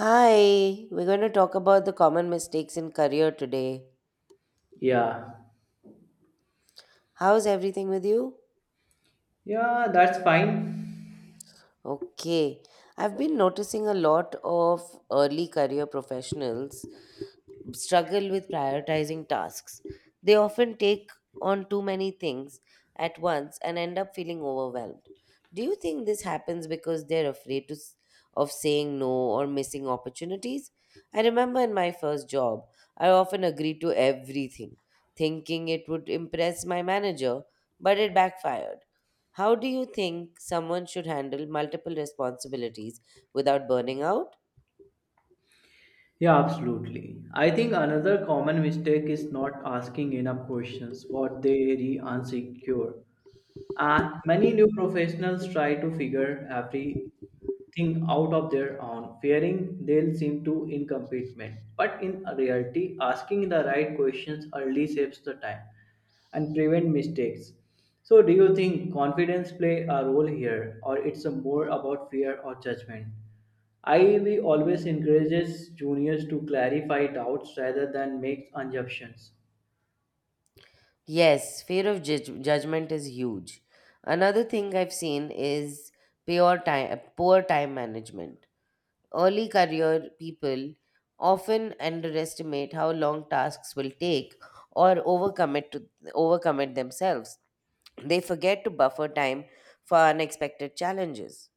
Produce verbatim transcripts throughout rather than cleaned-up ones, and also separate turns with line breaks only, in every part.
Hi, we're going to talk about the common mistakes in career today.
Yeah,
How's everything with you?
yeah, that's fine.
Okay. I've been noticing a lot of early career professionals struggle with prioritizing tasks. They often take on too many things at once and end up feeling overwhelmed. Do you think this happens because they're afraid to, s- of saying no or missing opportunities? I remember in my first job, I often agreed to everything, thinking it would impress my manager, but it backfired. How do you think someone should handle multiple responsibilities without burning out?
Yeah, absolutely. I think another common mistake is not asking enough questions what they really insecure. And many new professionals try to figure everything out of their own, fearing they'll seem too incompetent. But in reality, asking the right questions early saves the time and prevent mistakes. So, do you think confidence play a role here, or it's a more about fear or judgment? I E V always encourages juniors to clarify doubts rather than make assumptions.
Yes, fear of judg- judgment is huge. Another thing I've seen is poor time, poor time management. Early career people often underestimate how long tasks will take or overcommit to overcommit themselves. They forget to buffer time for unexpected challenges.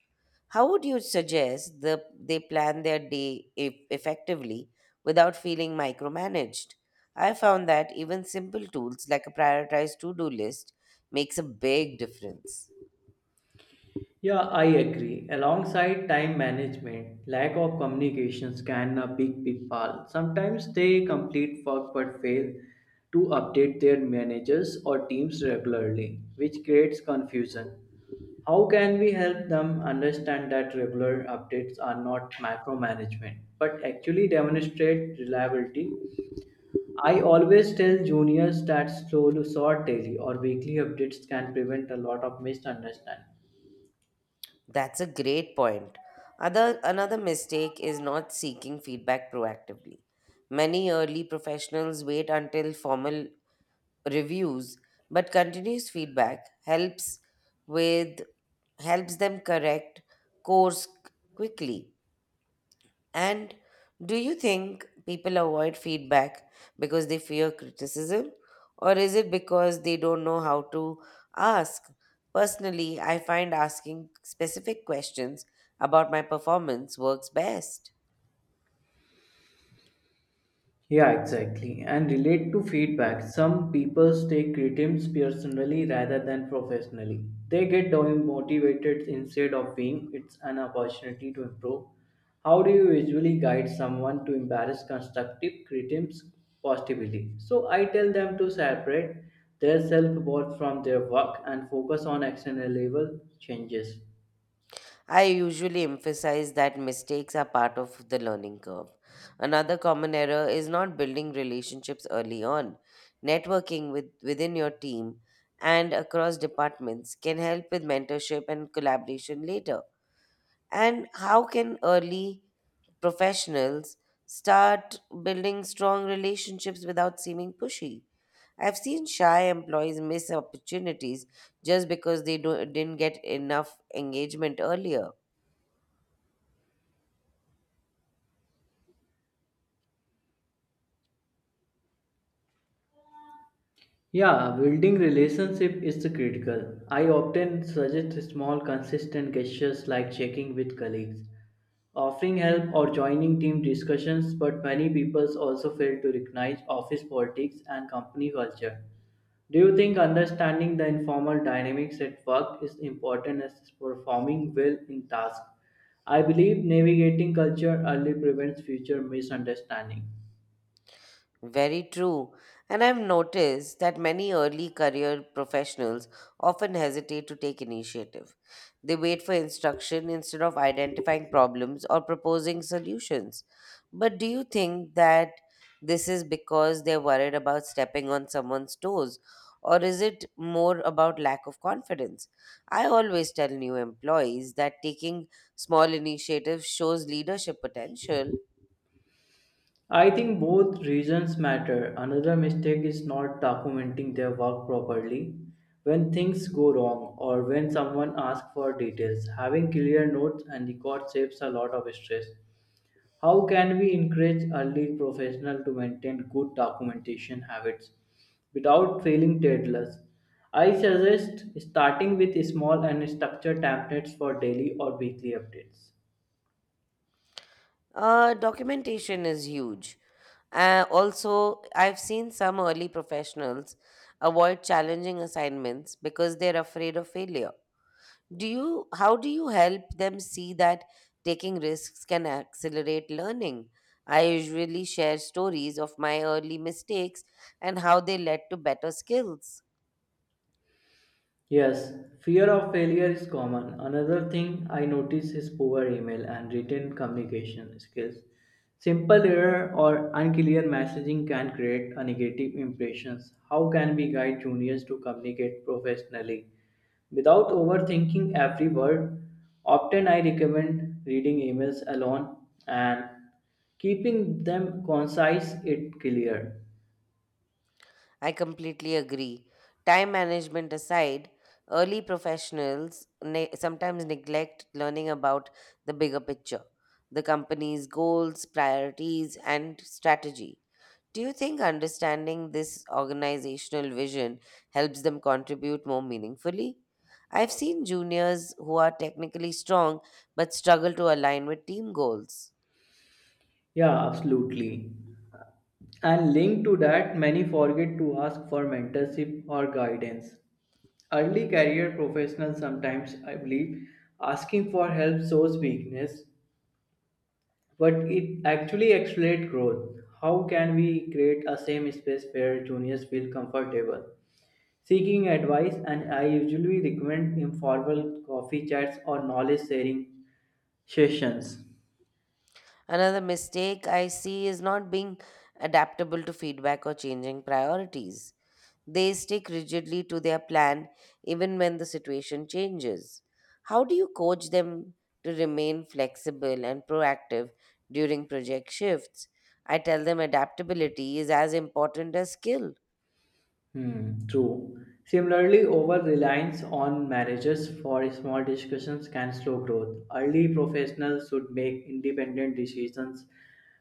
How would you suggest the, they plan their day e- effectively without feeling micromanaged? I found that even simple tools like a prioritized to do list makes a big difference.
Yeah, I agree. Alongside time management, lack of communications can a big pitfall. Sometimes they complete work but fail to update their managers or teams regularly, which creates confusion. How can we help them understand that regular updates are not micromanagement but actually demonstrate reliability? I always tell juniors that slow, short daily or weekly updates can prevent a lot of misunderstanding.
That's a great point. Other, another mistake is not seeking feedback proactively. Many early professionals wait until formal reviews, but continuous feedback helps with helps them correct course quickly. And do you think people avoid feedback because they fear criticism, or is it because they don't know how to ask? Personally, I find asking specific questions about my performance works best.
Yeah, exactly. And relate to feedback. Some people take criticisms personally rather than professionally. They get demotivated instead of being it's an opportunity to improve. How do you usually guide someone to embrace constructive criticisms positively? So I tell them to separate their self worth from their work and focus on action level changes.
I usually emphasize that mistakes are part of the learning curve. Another common error is not building relationships early on. Networking with, within your team and across departments can help with mentorship and collaboration later. And how can early professionals start building strong relationships without seeming pushy? I've seen shy employees miss opportunities just because they do, didn't get enough engagement earlier.
Yeah, building relationship is critical. I often suggest small consistent gestures like checking with colleagues, offering help or joining team discussions, but many people also fail to recognize office politics and company culture. Do you think understanding the informal dynamics at work is important as performing well in tasks? I believe navigating culture early prevents future misunderstanding.
Very true. And I've noticed that many early career professionals often hesitate to take initiative. They wait for instruction instead of identifying problems or proposing solutions. But do you think that this is because they're worried about stepping on someone's toes? Or is it more about lack of confidence? I always tell new employees that taking small initiatives shows leadership potential.
I think both reasons matter. Another mistake is not documenting their work properly. When things go wrong or when someone asks for details, having clear notes and records saves a lot of stress. How can we encourage early professionals to maintain good documentation habits without feeling tedious? I suggest starting with small and structured templates for daily or weekly updates.
Uh, documentation is huge. Uh, also, I've seen some early professionals avoid challenging assignments because they're afraid of failure. Do you, how do you help them see that taking risks can accelerate learning? I usually share stories of my early mistakes and how they led to better skills.
Yes, fear of failure is common. Another thing I notice is poor email and written communication skills. Simple error or unclear messaging can create a negative impression. How can we guide juniors to communicate professionally without overthinking every word? Often I recommend reading emails alone and keeping them concise it clear.
I completely agree. Time management aside, early professionals ne- sometimes neglect learning about the bigger picture, the company's goals, priorities, and strategy. Do you think understanding this organizational vision helps them contribute more meaningfully? I've seen juniors who are technically strong but struggle to align with team goals.
Yeah, absolutely. And linked to that, many forget to ask for mentorship or guidance. Early career professionals sometimes, I believe, asking for help shows weakness, but it actually accelerates growth. How can we create a same space where juniors feel comfortable? Seeking advice, and I usually recommend informal coffee chats or knowledge sharing sessions.
Another mistake I see is not being adaptable to feedback or changing priorities. They stick rigidly to their plan even when the situation changes. How do you coach them to remain flexible and proactive during project shifts? I tell them adaptability is as important as skill.
Hmm, true. Similarly, over-reliance on managers for small discussions can slow growth. Early professionals should make independent decisions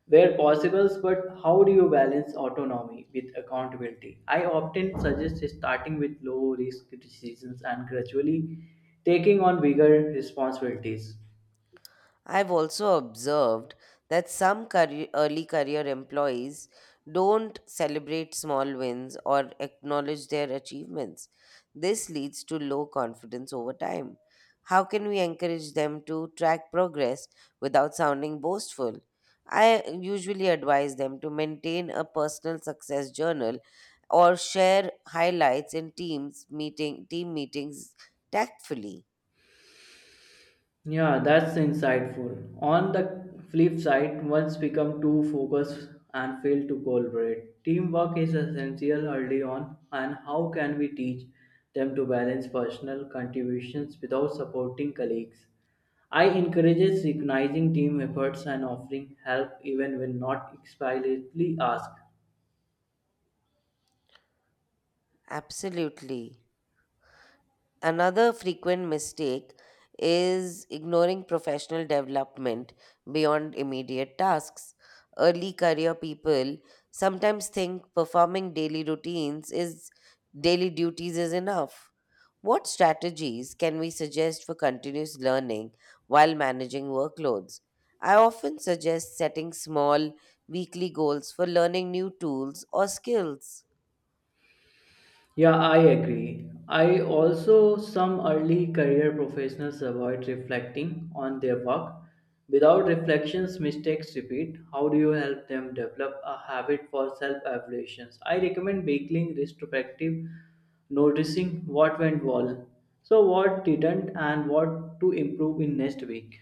where possible, but how do you balance autonomy with accountability? I often suggest starting with low-risk decisions and gradually taking on bigger responsibilities.
I've also observed that some career, early career employees don't celebrate small wins or acknowledge their achievements. This leads to low confidence over time. How can we encourage them to track progress without sounding boastful? I usually advise them to maintain a personal success journal or share highlights in teams meeting team meetings tactfully.
Yeah, that's insightful. On the flip side, once become too focused and fail to collaborate, teamwork is essential early on. And how can we teach them to balance personal contributions without supporting colleagues? I encourages recognizing team efforts and offering help even when not explicitly asked.
Absolutely. Another frequent mistake is ignoring professional development beyond immediate tasks. Early career people sometimes think performing daily routines is daily duties is enough. What strategies can we suggest for continuous learning while managing workloads? I often suggest setting small weekly goals for learning new tools or skills.
Yeah, I agree. I also some early career professionals avoid reflecting on their work. Without reflections, mistakes repeat. How do you help them develop a habit for self-evaluations? I recommend baking retrospective, noticing what went well, so what didn't, and what to improve in next week.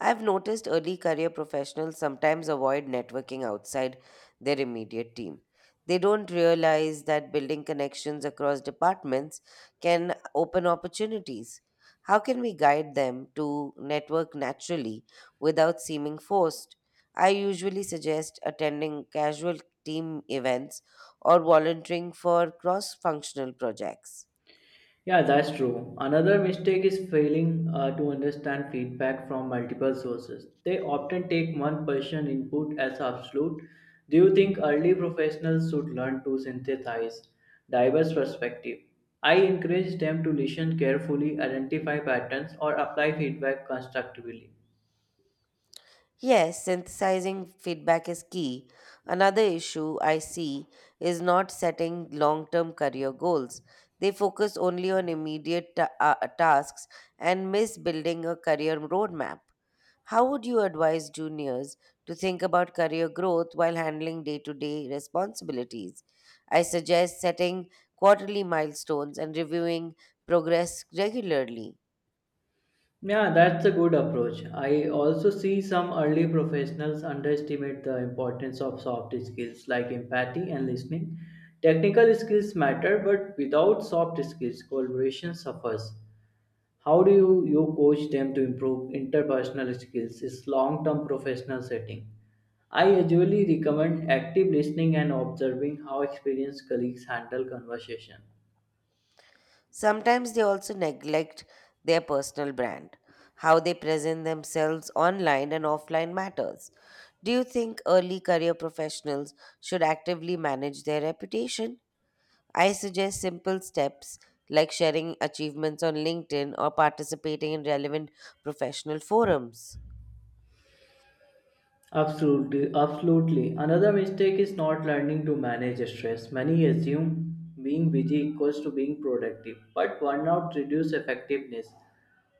I've noticed early career professionals sometimes avoid networking outside their immediate team. They don't realize that building connections across departments can open opportunities. How can we guide them to network naturally without seeming forced? I usually suggest attending casual team events or volunteering for cross functional projects.
Yeah, that's true. Another mistake is failing uh, to understand feedback from multiple sources. They often take one person input as absolute. Do you think early professionals should learn to synthesize diverse perspective? I encourage them to listen carefully, identify patterns, or apply feedback constructively.
Yes, synthesizing feedback is key. Another issue I see is not setting long term career goals. They focus only on immediate ta- uh, tasks and miss building a career roadmap. How would you advise juniors to think about career growth while handling day to day responsibilities? I suggest setting quarterly milestones and reviewing progress regularly.
Yeah, that's a good approach. I also see some early professionals underestimate the importance of soft skills like empathy and listening. Technical skills matter, but without soft skills, collaboration suffers. How do you, you coach them to improve interpersonal skills is long-term professional setting? I usually recommend active listening and observing how experienced colleagues handle conversation.
Sometimes they also neglect their personal brand. How they present themselves online and offline matters. Do you think early career professionals should actively manage their reputation? I suggest simple steps like sharing achievements on LinkedIn or participating in relevant professional forums.
Absolutely, absolutely. Another mistake is not learning to manage stress. Many assume being busy equals to being productive, but burnout reduces effectiveness.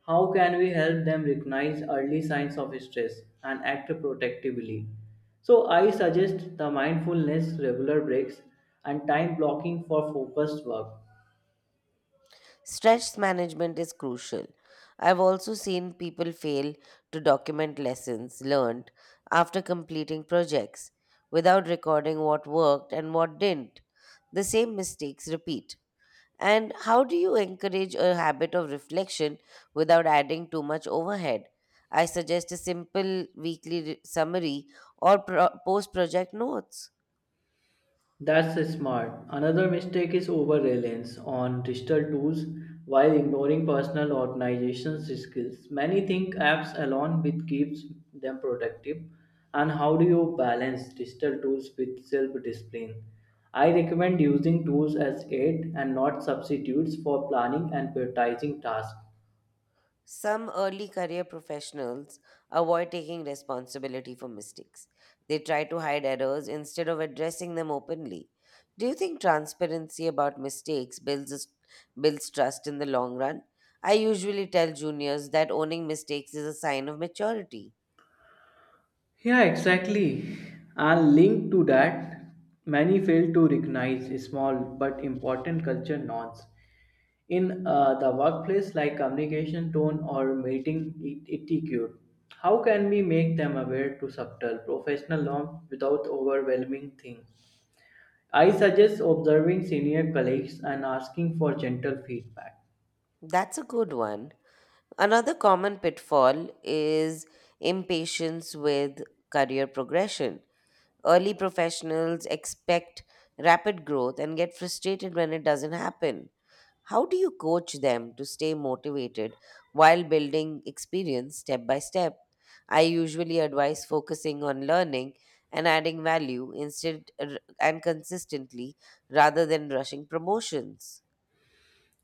How can we help them recognize early signs of stress and act protectively? So, I suggest the mindfulness, regular breaks, and time blocking for focused work.
Stress management is crucial. I've also seen people fail to document lessons learned after completing projects without recording what worked and what didn't. The same mistakes repeat. And how do you encourage a habit of reflection without adding too much overhead? I suggest a simple weekly re- summary or pro- post project notes.
That's smart. Another mistake is over reliance on digital tools while ignoring personal organization skills. Many think apps alone with keeps them productive. And how do you balance digital tools with self discipline? I recommend using tools as aid and not substitutes for planning and prioritizing tasks.
Some early career professionals avoid taking responsibility for mistakes. They try to hide errors instead of addressing them openly. Do you think transparency about mistakes builds builds trust in the long run? I usually tell juniors that owning mistakes is a sign of maturity.
Yeah, exactly. And linked to that, many fail to recognize small but important culture norms in uh, the workplace like communication tone or meeting et- etiquette. How can we make them aware to subtle professional norms without overwhelming thing? I suggest observing senior colleagues and asking for gentle feedback.
That's a good one. Another common pitfall is impatience with career progression. Early professionals expect rapid growth and get frustrated when it doesn't happen. How do you coach them to stay motivated while building experience step by step? I usually advise focusing on learning and adding value instead r- and consistently rather than rushing promotions.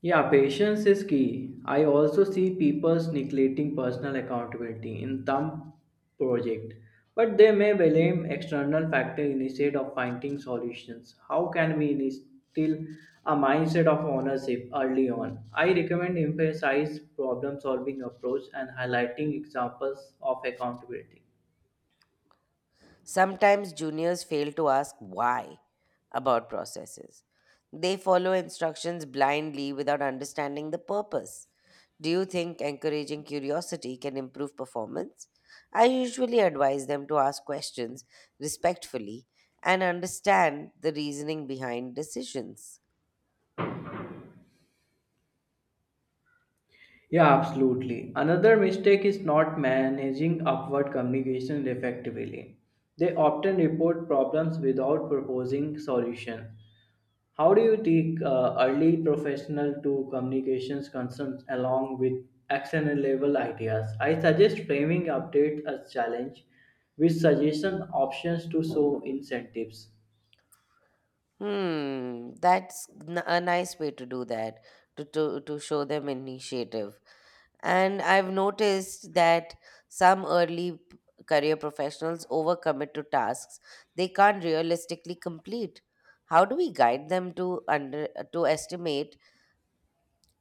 Yeah, patience is key. I also see people neglecting personal accountability in some project, but they may blame external factor instead of finding solutions. How can we instill a mindset of ownership early on? I recommend emphasize problem solving approach and highlighting examples of accountability.
Sometimes juniors fail to ask why about processes. They follow instructions blindly without understanding the purpose. Do you think encouraging curiosity can improve performance? I usually advise them to ask questions respectfully and understand the reasoning behind decisions.
Yeah, absolutely. Another mistake is not managing upward communication effectively. They often report problems without proposing solution. How do you take uh, early professional to communications concerns along with actionable level ideas? I suggest framing updates as challenge with suggestion options to show incentives.
Hmm, that's n- a nice way to do that, to, to, to show them initiative. And I've noticed that some early p- career professionals overcommit to tasks they can't realistically complete. How do we guide them to under to estimate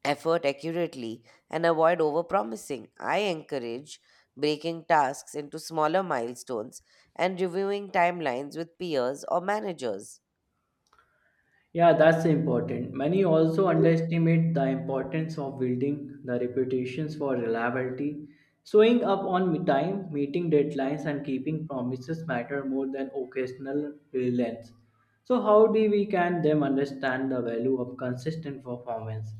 effort accurately and avoid overpromising. I encourage breaking tasks into smaller milestones and reviewing timelines with peers or managers.
Yeah, that's important. Many also underestimate the importance of building the reputations for reliability. Showing up on time, meeting deadlines, and keeping promises matter more than occasional brilliance. So, how do we can them understand the value of consistent performance?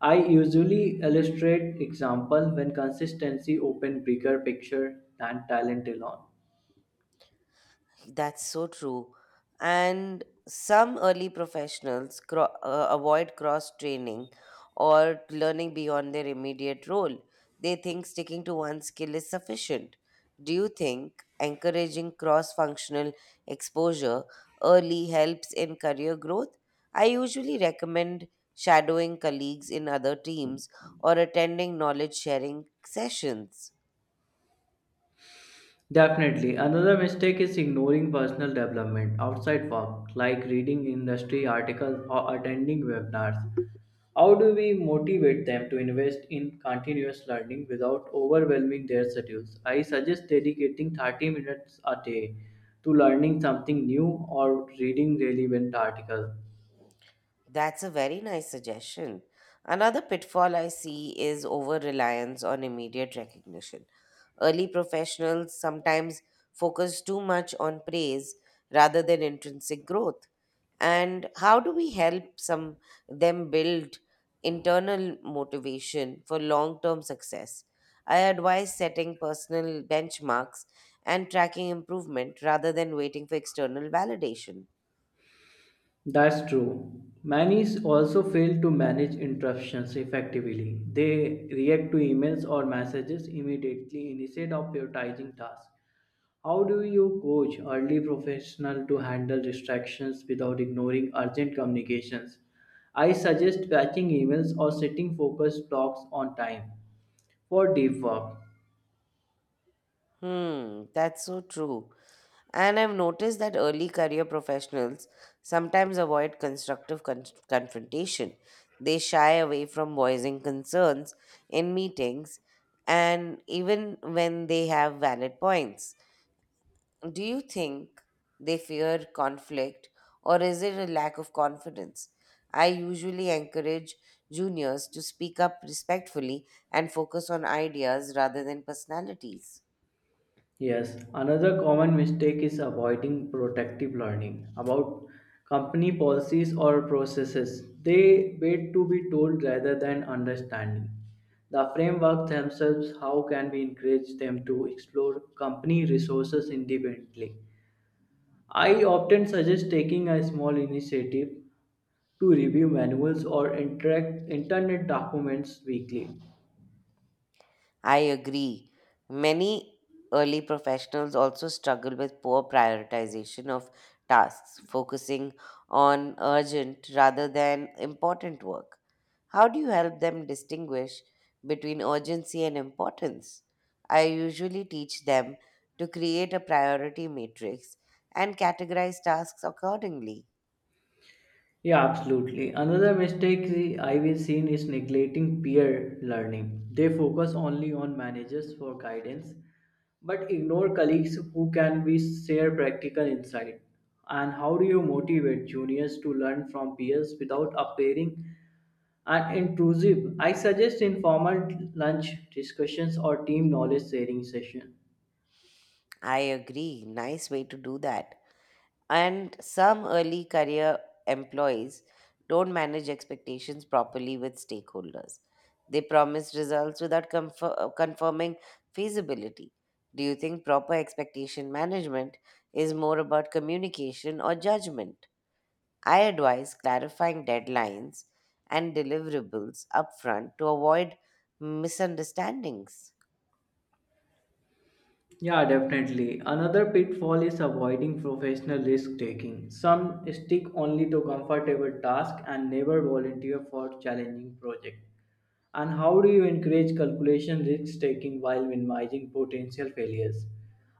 I usually illustrate example when consistency open bigger picture than talent alone.
That's so true. And some early professionals cro- uh, avoid cross training or learning beyond their immediate role. They think sticking to one skill is sufficient. Do you think encouraging cross functional exposure early helps in career growth? I usually recommend shadowing colleagues in other teams or attending knowledge sharing sessions.
Definitely. Another mistake is ignoring personal development outside work, like reading industry articles or attending webinars. How do we motivate them to invest in continuous learning without overwhelming their schedules? I suggest dedicating thirty minutes a day to learning something new or reading relevant articles.
That's a very nice suggestion. Another pitfall I see is over reliance on immediate recognition. Early professionals sometimes focus too much on praise rather than intrinsic growth. And how do we help some them build internal motivation for long-term success? I advise setting personal benchmarks and tracking improvement rather than waiting for external validation.
That's true. Many also fail to manage interruptions effectively. They react to emails or messages immediately instead of prioritizing tasks. How do you coach early professionals to handle distractions without ignoring urgent communications? I suggest batching emails or setting focus blocks on time for deep work.
Hmm, that's so true. And I've noticed that early career professionals sometimes avoid constructive con- confrontation. They shy away from voicing concerns in meetings and even when they have valid points. Do you think they fear conflict or is it a lack of confidence? I usually encourage juniors to speak up respectfully and focus on ideas rather than personalities.
Yes, another common mistake is avoiding protective learning about company policies or processes. They wait to be told rather than understanding the framework themselves. How can we encourage them to explore company resources independently? I often suggest taking a small initiative to review manuals or interact internet documents weekly.
I agree. Many early professionals also struggle with poor prioritization of tasks, focusing on urgent rather than important work. How do you help them distinguish between urgency and importance? I usually teach them to create a priority matrix and categorize tasks accordingly.
Yeah, absolutely. Another mistake the- I've seen is neglecting peer learning. They focus only on managers for guidance, but ignore colleagues who can be share practical insight. And how do you motivate juniors to learn from peers without appearing and intrusive? I suggest informal lunch discussions or team knowledge sharing sessions.
I agree. Nice way to do that. And some early career employees don't manage expectations properly with stakeholders. They promise results without confir- uh, confirming feasibility. Do you think proper expectation management is more about communication or judgment? I advise clarifying deadlines and deliverables upfront to avoid misunderstandings.
Yeah, definitely. Another pitfall is avoiding professional risk taking. Some stick only to comfortable tasks and never volunteer for challenging projects. And how do you encourage calculation risk taking while minimizing potential failures?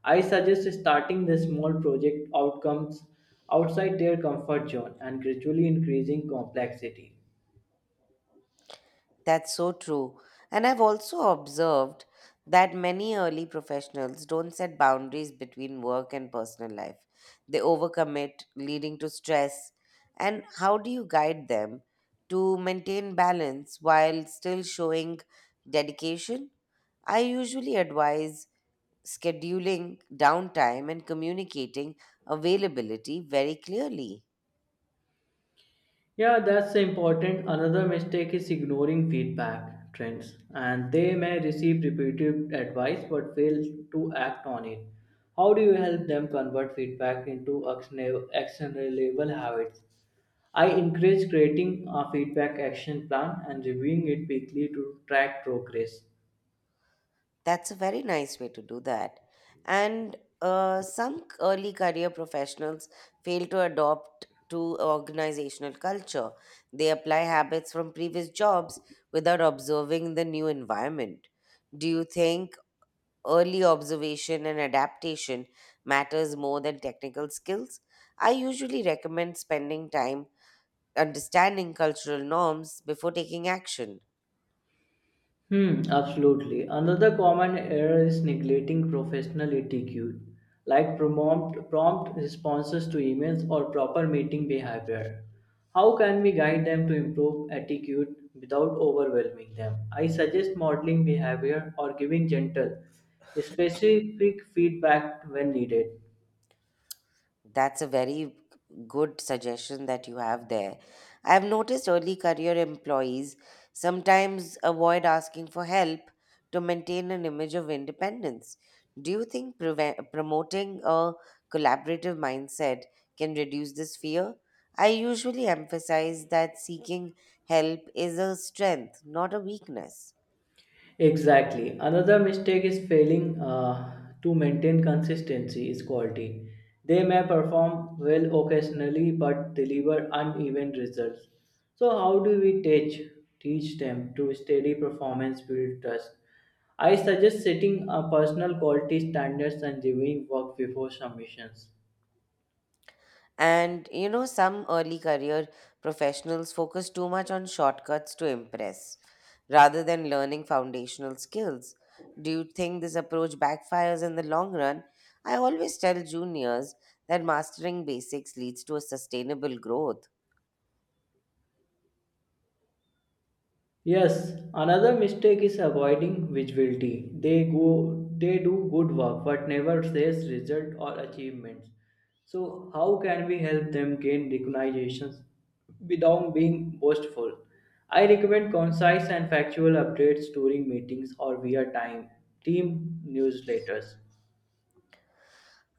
I suggest starting the small project outcomes outside their comfort zone and gradually increasing complexity.
That's so true. And I've also observed that many early professionals don't set boundaries between work and personal life. They overcommit, leading to stress. And how do you guide them to maintain balance while still showing dedication? I usually advise scheduling downtime and communicating availability very clearly.
Yeah, that's important. Another mistake is ignoring feedback trends, and they may receive repeated advice but fail to act on it. How do you help them convert feedback into actiona- actionable habits? I encourage creating a feedback action plan and reviewing it weekly to track progress.
That's a very nice way to do that. And uh, some early career professionals fail to adopt to organizational culture. They apply habits from previous jobs without observing the new environment. Do you think early observation and adaptation matters more than technical skills? I usually recommend spending time understanding cultural norms before taking action.
Hmm, absolutely. Another common error is neglecting professional etiquette, like prompt, prompt responses to emails or proper meeting behavior. How can we guide them to improve etiquette without overwhelming them? I suggest modeling behavior or giving gentle, specific feedback when needed.
That's a very good suggestion that you have there. I've noticed early career employees sometimes avoid asking for help to maintain an image of independence. Do you think preve- promoting a collaborative mindset can reduce this fear? I usually emphasize that seeking help is a strength, not a weakness.
Exactly. Another mistake is failing uh, to maintain consistency is quality. They may perform well occasionally but deliver uneven results. So how do we teach teach them to steady performance build trust? I suggest setting a personal quality standards and reviewing work before submissions.
And you know, some early career professionals focus too much on shortcuts to impress rather than learning foundational skills. Do you think this approach backfires in the long run? I always tell juniors that mastering basics leads to a sustainable growth.
Yes, another mistake is avoiding visibility. They go they do good work but never says result or achievements. So how can we help them gain recognitions without being boastful? I recommend concise and factual updates during meetings or via time team newsletters.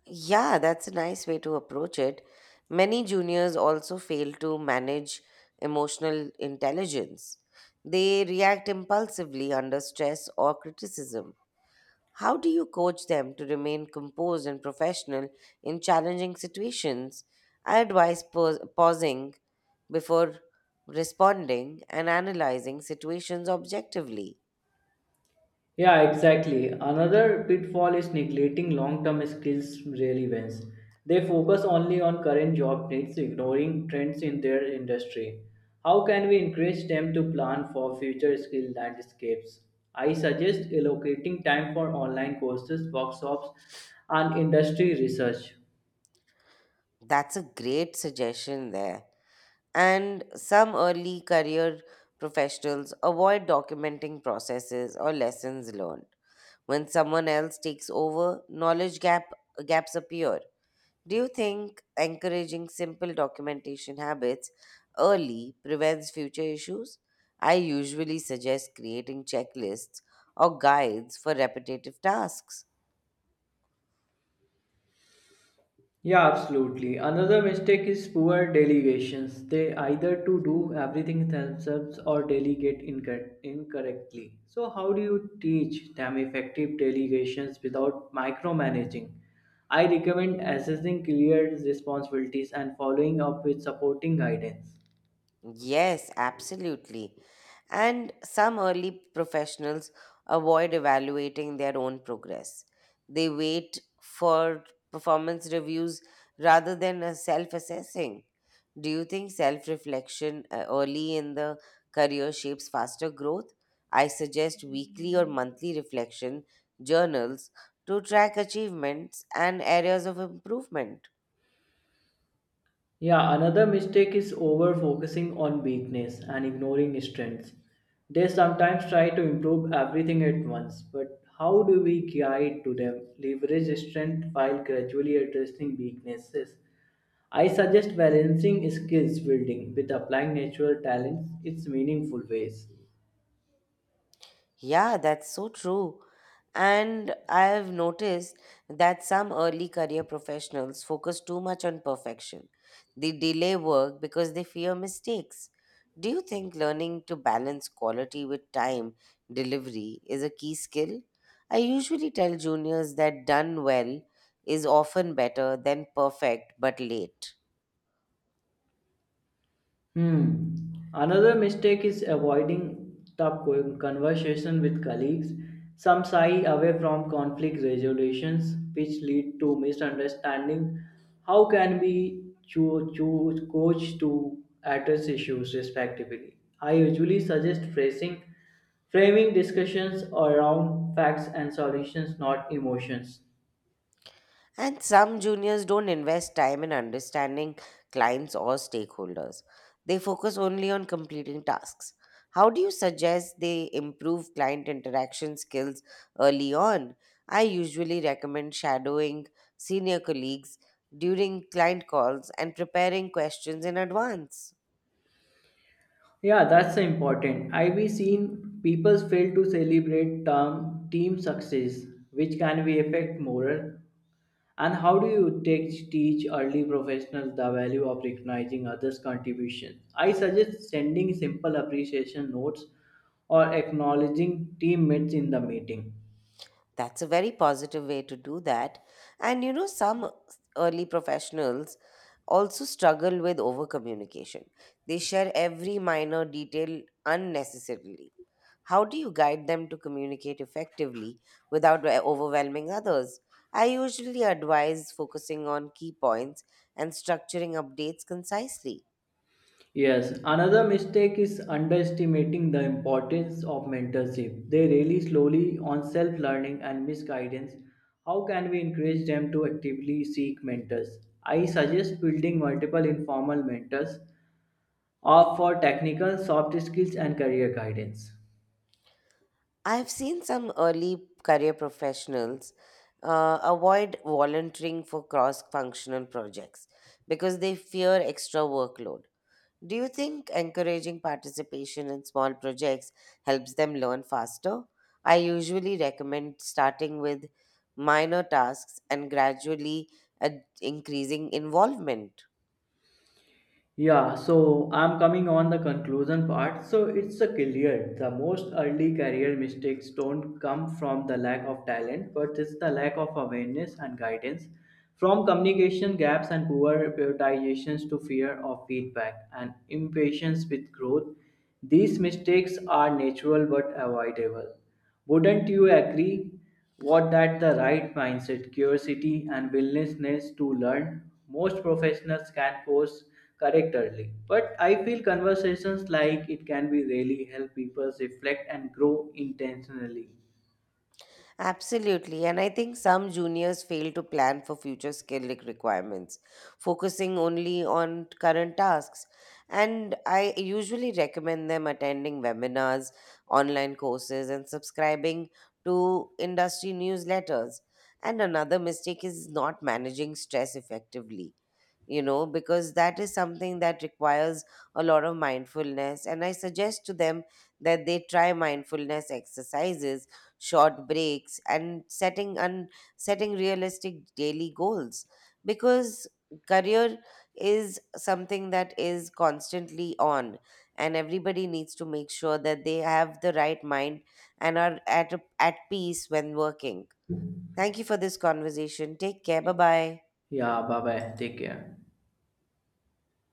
Yeah, that's a nice way to approach it. Many juniors also fail to manage emotional intelligence. They react impulsively under stress or criticism. How do you coach them to remain composed and professional in challenging situations? I advise pos- pausing before responding and analyzing situations objectively.
Yeah, exactly. Another pitfall is neglecting long term skills relevance. They focus only on current job needs, ignoring trends in their industry. How can we encourage them to plan for future skill landscapes? I suggest allocating time for online courses, workshops, and industry research.
That's a great suggestion there. And some early career professionals avoid documenting processes or lessons learned. When someone else takes over, knowledge gap gaps appear. Do you think encouraging simple documentation habits early prevents future issues? I usually suggest creating checklists or guides for repetitive tasks.
Yeah, absolutely. Another mistake is poor delegations. They either to do everything themselves or delegate incor- incorrectly. So how do you teach them effective delegations without micromanaging? I recommend assessing clear responsibilities and following up with supporting guidance.
Yes, absolutely. And some early professionals avoid evaluating their own progress. They wait for performance reviews rather than self assessing. Do you think self reflection early in the career shapes faster growth? I suggest weekly or monthly reflection journals to track achievements and areas of improvement.
Yeah, another mistake is over focusing on weakness and ignoring strengths. They sometimes try to improve everything at once, but how do we guide to them leverage strength while gradually addressing weaknesses? I suggest balancing skills building with applying natural talents its meaningful ways.
Yeah, that's so true. And I have noticed that some early career professionals focus too much on perfection. They delay work because they fear mistakes. Do you think learning to balance quality with time delivery is a key skill? I usually tell juniors that done well is often better than perfect but late.
Hmm. Another mistake is avoiding tough co- conversation with colleagues. Some shy away from conflict resolutions, which lead to misunderstanding. How can we cho- choose coach to address issues respectively? I usually suggest phrasing, framing discussions around facts and solutions, not emotions.
And some juniors don't invest time in understanding clients or stakeholders. They focus only on completing tasks. How do you suggest they improve client interaction skills early on? I usually recommend shadowing senior colleagues during client calls and preparing questions in advance.
Yeah, that's the important. I've seen people fail to celebrate term team success, which can be affect moral. And how do you teach, teach early professionals the value of recognizing others' contributions? I suggest sending simple appreciation notes or acknowledging teammates in the meeting.
That's a very positive way to do that. And you know, some early professionals also struggle with over communication. They share every minor detail unnecessarily. How do you guide them to communicate effectively without o- overwhelming others? I usually advise focusing on key points and structuring updates concisely.
Yes, another mistake is underestimating the importance of mentorship. They rely slowly on self learning and misguidance. How can we encourage them to actively seek mentors? I suggest building multiple informal mentors or for technical, soft skills, and career guidance.
I've seen some early career professionals uh, avoid volunteering for cross functional projects because they fear extra workload. Do you think encouraging participation in small projects helps them learn faster? I usually recommend starting with minor tasks and gradually ad- increasing involvement.
Yeah, so I'm coming on the conclusion part. So it's a clear the most early career mistakes don't come from the lack of talent, but it's the lack of awareness and guidance. From communication gaps and poor prioritizations to fear of feedback and impatience with growth, these mistakes are natural but avoidable. Wouldn't you agree? What that the right mindset, curiosity and willingness to learn, most professionals can course correct early. But I feel conversations like it can be really help people reflect and grow intentionally.
Absolutely. And I think some juniors fail to plan for future skill re- requirements, focusing only on current tasks. And I usually recommend them attending webinars, online courses, and subscribing to industry newsletters. And another mistake is not managing stress effectively you know, because that is something that requires a lot of mindfulness. And I suggest to them that they try mindfulness exercises, short breaks, and setting and setting realistic daily goals. Because career is something that is constantly on, and everybody needs to make sure that they have the right mind and are at, a- at peace when working. Thank you for this conversation. Take care. Bye bye.
Yeah, bye bye. Take care.